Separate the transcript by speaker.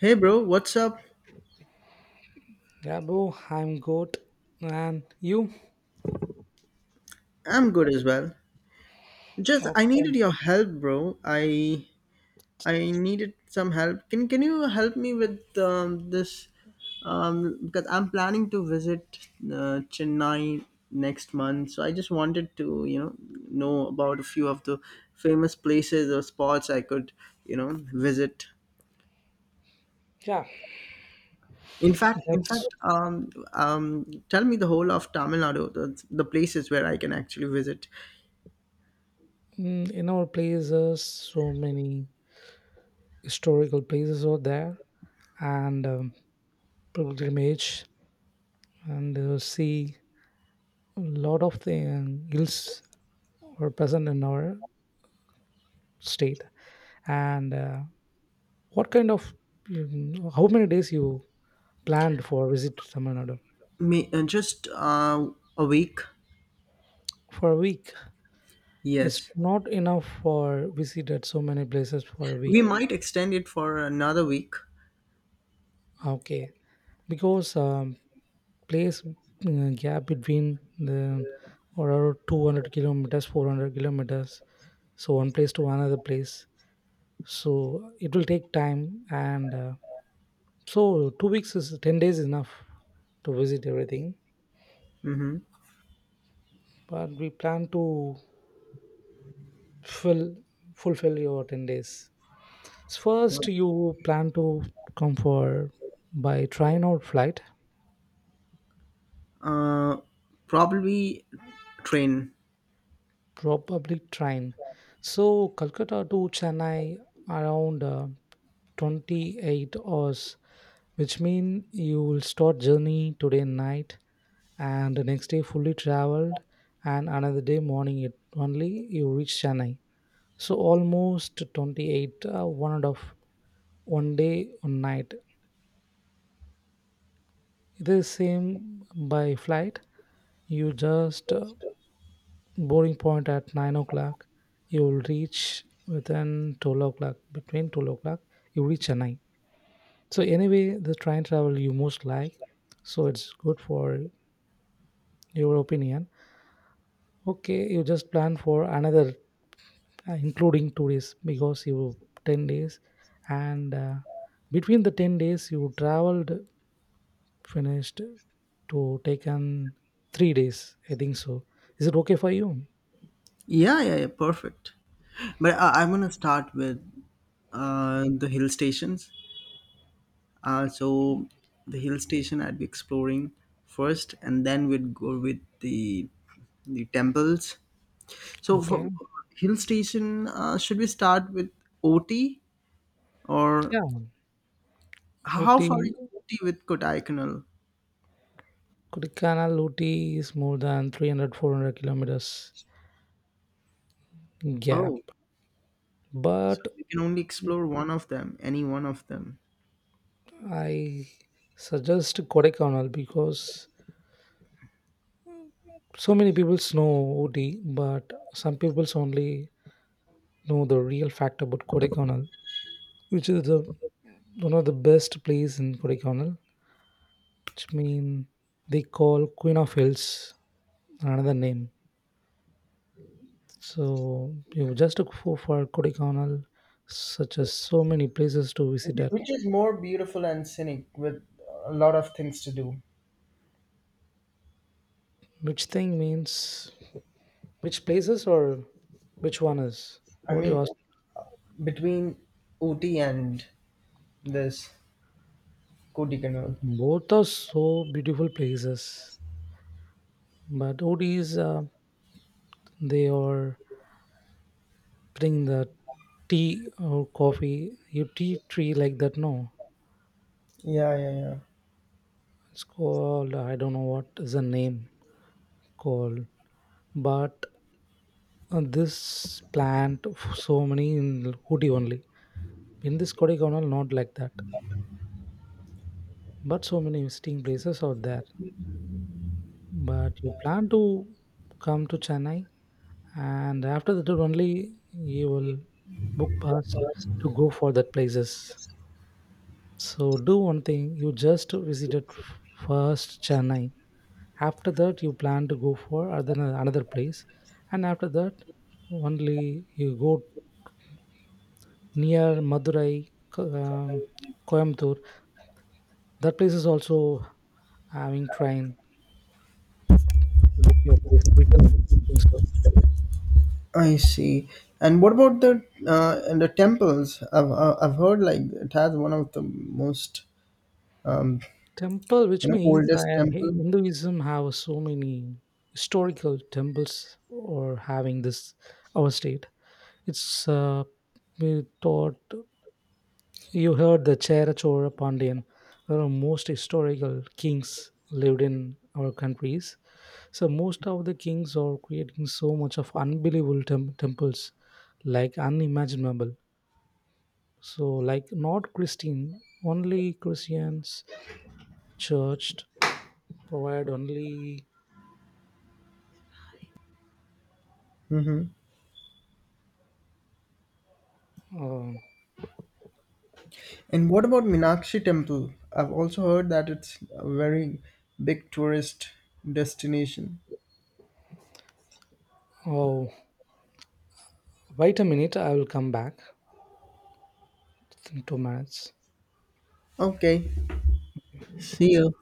Speaker 1: Hey bro, what's up?
Speaker 2: Yeah, bro, I'm good. And you?
Speaker 1: I'm good as well. Just I
Speaker 2: Okay.
Speaker 1: needed your help, bro. I needed some help. Can you help me with this? Because I'm planning to visit Chennai next month, so I just wanted to know about a few of the famous places or spots I could visit.
Speaker 2: Yeah, that's
Speaker 1: Tell me the whole of Tamil Nadu, the places where I can actually visit.
Speaker 2: in our places, so many historical places are there, and pilgrimage, and see a lot of the hills are present in our state. And what kind of, how many days you planned for visit Tamil Nadu?
Speaker 1: Just a week.
Speaker 2: For a week. It's
Speaker 1: Yes.
Speaker 2: not enough for visited so many places for a
Speaker 1: We
Speaker 2: week.
Speaker 1: might extend it for another week.
Speaker 2: Okay. Because place gap between the around 200 kilometers 400 kilometers, so one place to another place, so it will take time. And so 2 weeks is 10 days enough to visit everything,
Speaker 1: Hmm.
Speaker 2: but we plan to fill fulfill your 10 days. First you plan to come for by train or flight?
Speaker 1: Uh, Probably train.
Speaker 2: Probably train. So Calcutta to Chennai around 28 hours, which mean you will start journey today night, and the next day fully traveled, and another day morning it only you reach Chennai. So almost 28, one and of one day, one night. It is same by flight. You just boarding point at 9 o'clock, you will reach within 12 o'clock, between 12 o'clock you reach Chennai. So anyway, the train travel you most like, so it's good for your opinion. Okay, you just plan for another including 2 days, because you 10 days, and between the 10 days you traveled finished, to taken 3 days I think so. Is it okay for you?
Speaker 1: Yeah, yeah, yeah. Perfect. But I'm going to start with the hill stations. So the hill station I'd be exploring first, and then we'd go with the temples. So
Speaker 2: Okay.
Speaker 1: for hill station, should we start with OT or
Speaker 2: Yeah.
Speaker 1: How
Speaker 2: Ooty,
Speaker 1: far is Ooty with Kodaikanal?
Speaker 2: Kodaikanal, Ooty is more than 300 400 kilometers gap,
Speaker 1: Oh, so
Speaker 2: but
Speaker 1: we can only explore one of them, any one of them.
Speaker 2: I suggest Kodaikanal, because so many people know Ooty, but some people only know the real fact about Kodaikanal, which is the one of the best place in Kodaikanal, which mean they call Queen of Hills, another name. So you just go for Kodaikanal, such as so many places to visit at.
Speaker 1: Which is more beautiful and scenic with a lot of things to do.
Speaker 2: Which thing means, which places, or which one is?
Speaker 1: I
Speaker 2: What do you
Speaker 1: mean,
Speaker 2: ask?
Speaker 1: between Ooty and this Kodaikanal.
Speaker 2: Both are so beautiful places, but Odis, they are putting the tea or coffee, you tea tree like that. No,
Speaker 1: Yeah, yeah, yeah.
Speaker 2: it's called, I don't know what is the name called, but this plant so many in Ooty only. In this Kodaikanal, not like that, but so many interesting places out there. But you plan to come to Chennai, and after that only you will book pass to go for that places. So do one thing, you just visited first Chennai, after that you plan to go for other another place, and after that only you go near Madurai, Coimbatore. That place is also having train, book your place return.
Speaker 1: I see. And what about the and the temples? I've heard like it has one of the most um,
Speaker 2: Temple, which means
Speaker 1: oldest temple.
Speaker 2: Hinduism have so many historical temples or having this our state. It's we thought you heard the Chera Chora Pandian, one of most historical kings lived in our countries. So most of the kings are creating so much of unbelievable temples, like unimaginable. So like not Christian, only Christians church provide only.
Speaker 1: Hmm.
Speaker 2: Um,
Speaker 1: And what about Meenakshi Temple? I've also heard that it's a very big tourist destination.
Speaker 2: oh, wait a minute. I will come back in 2 minutes.
Speaker 1: Okay, see you.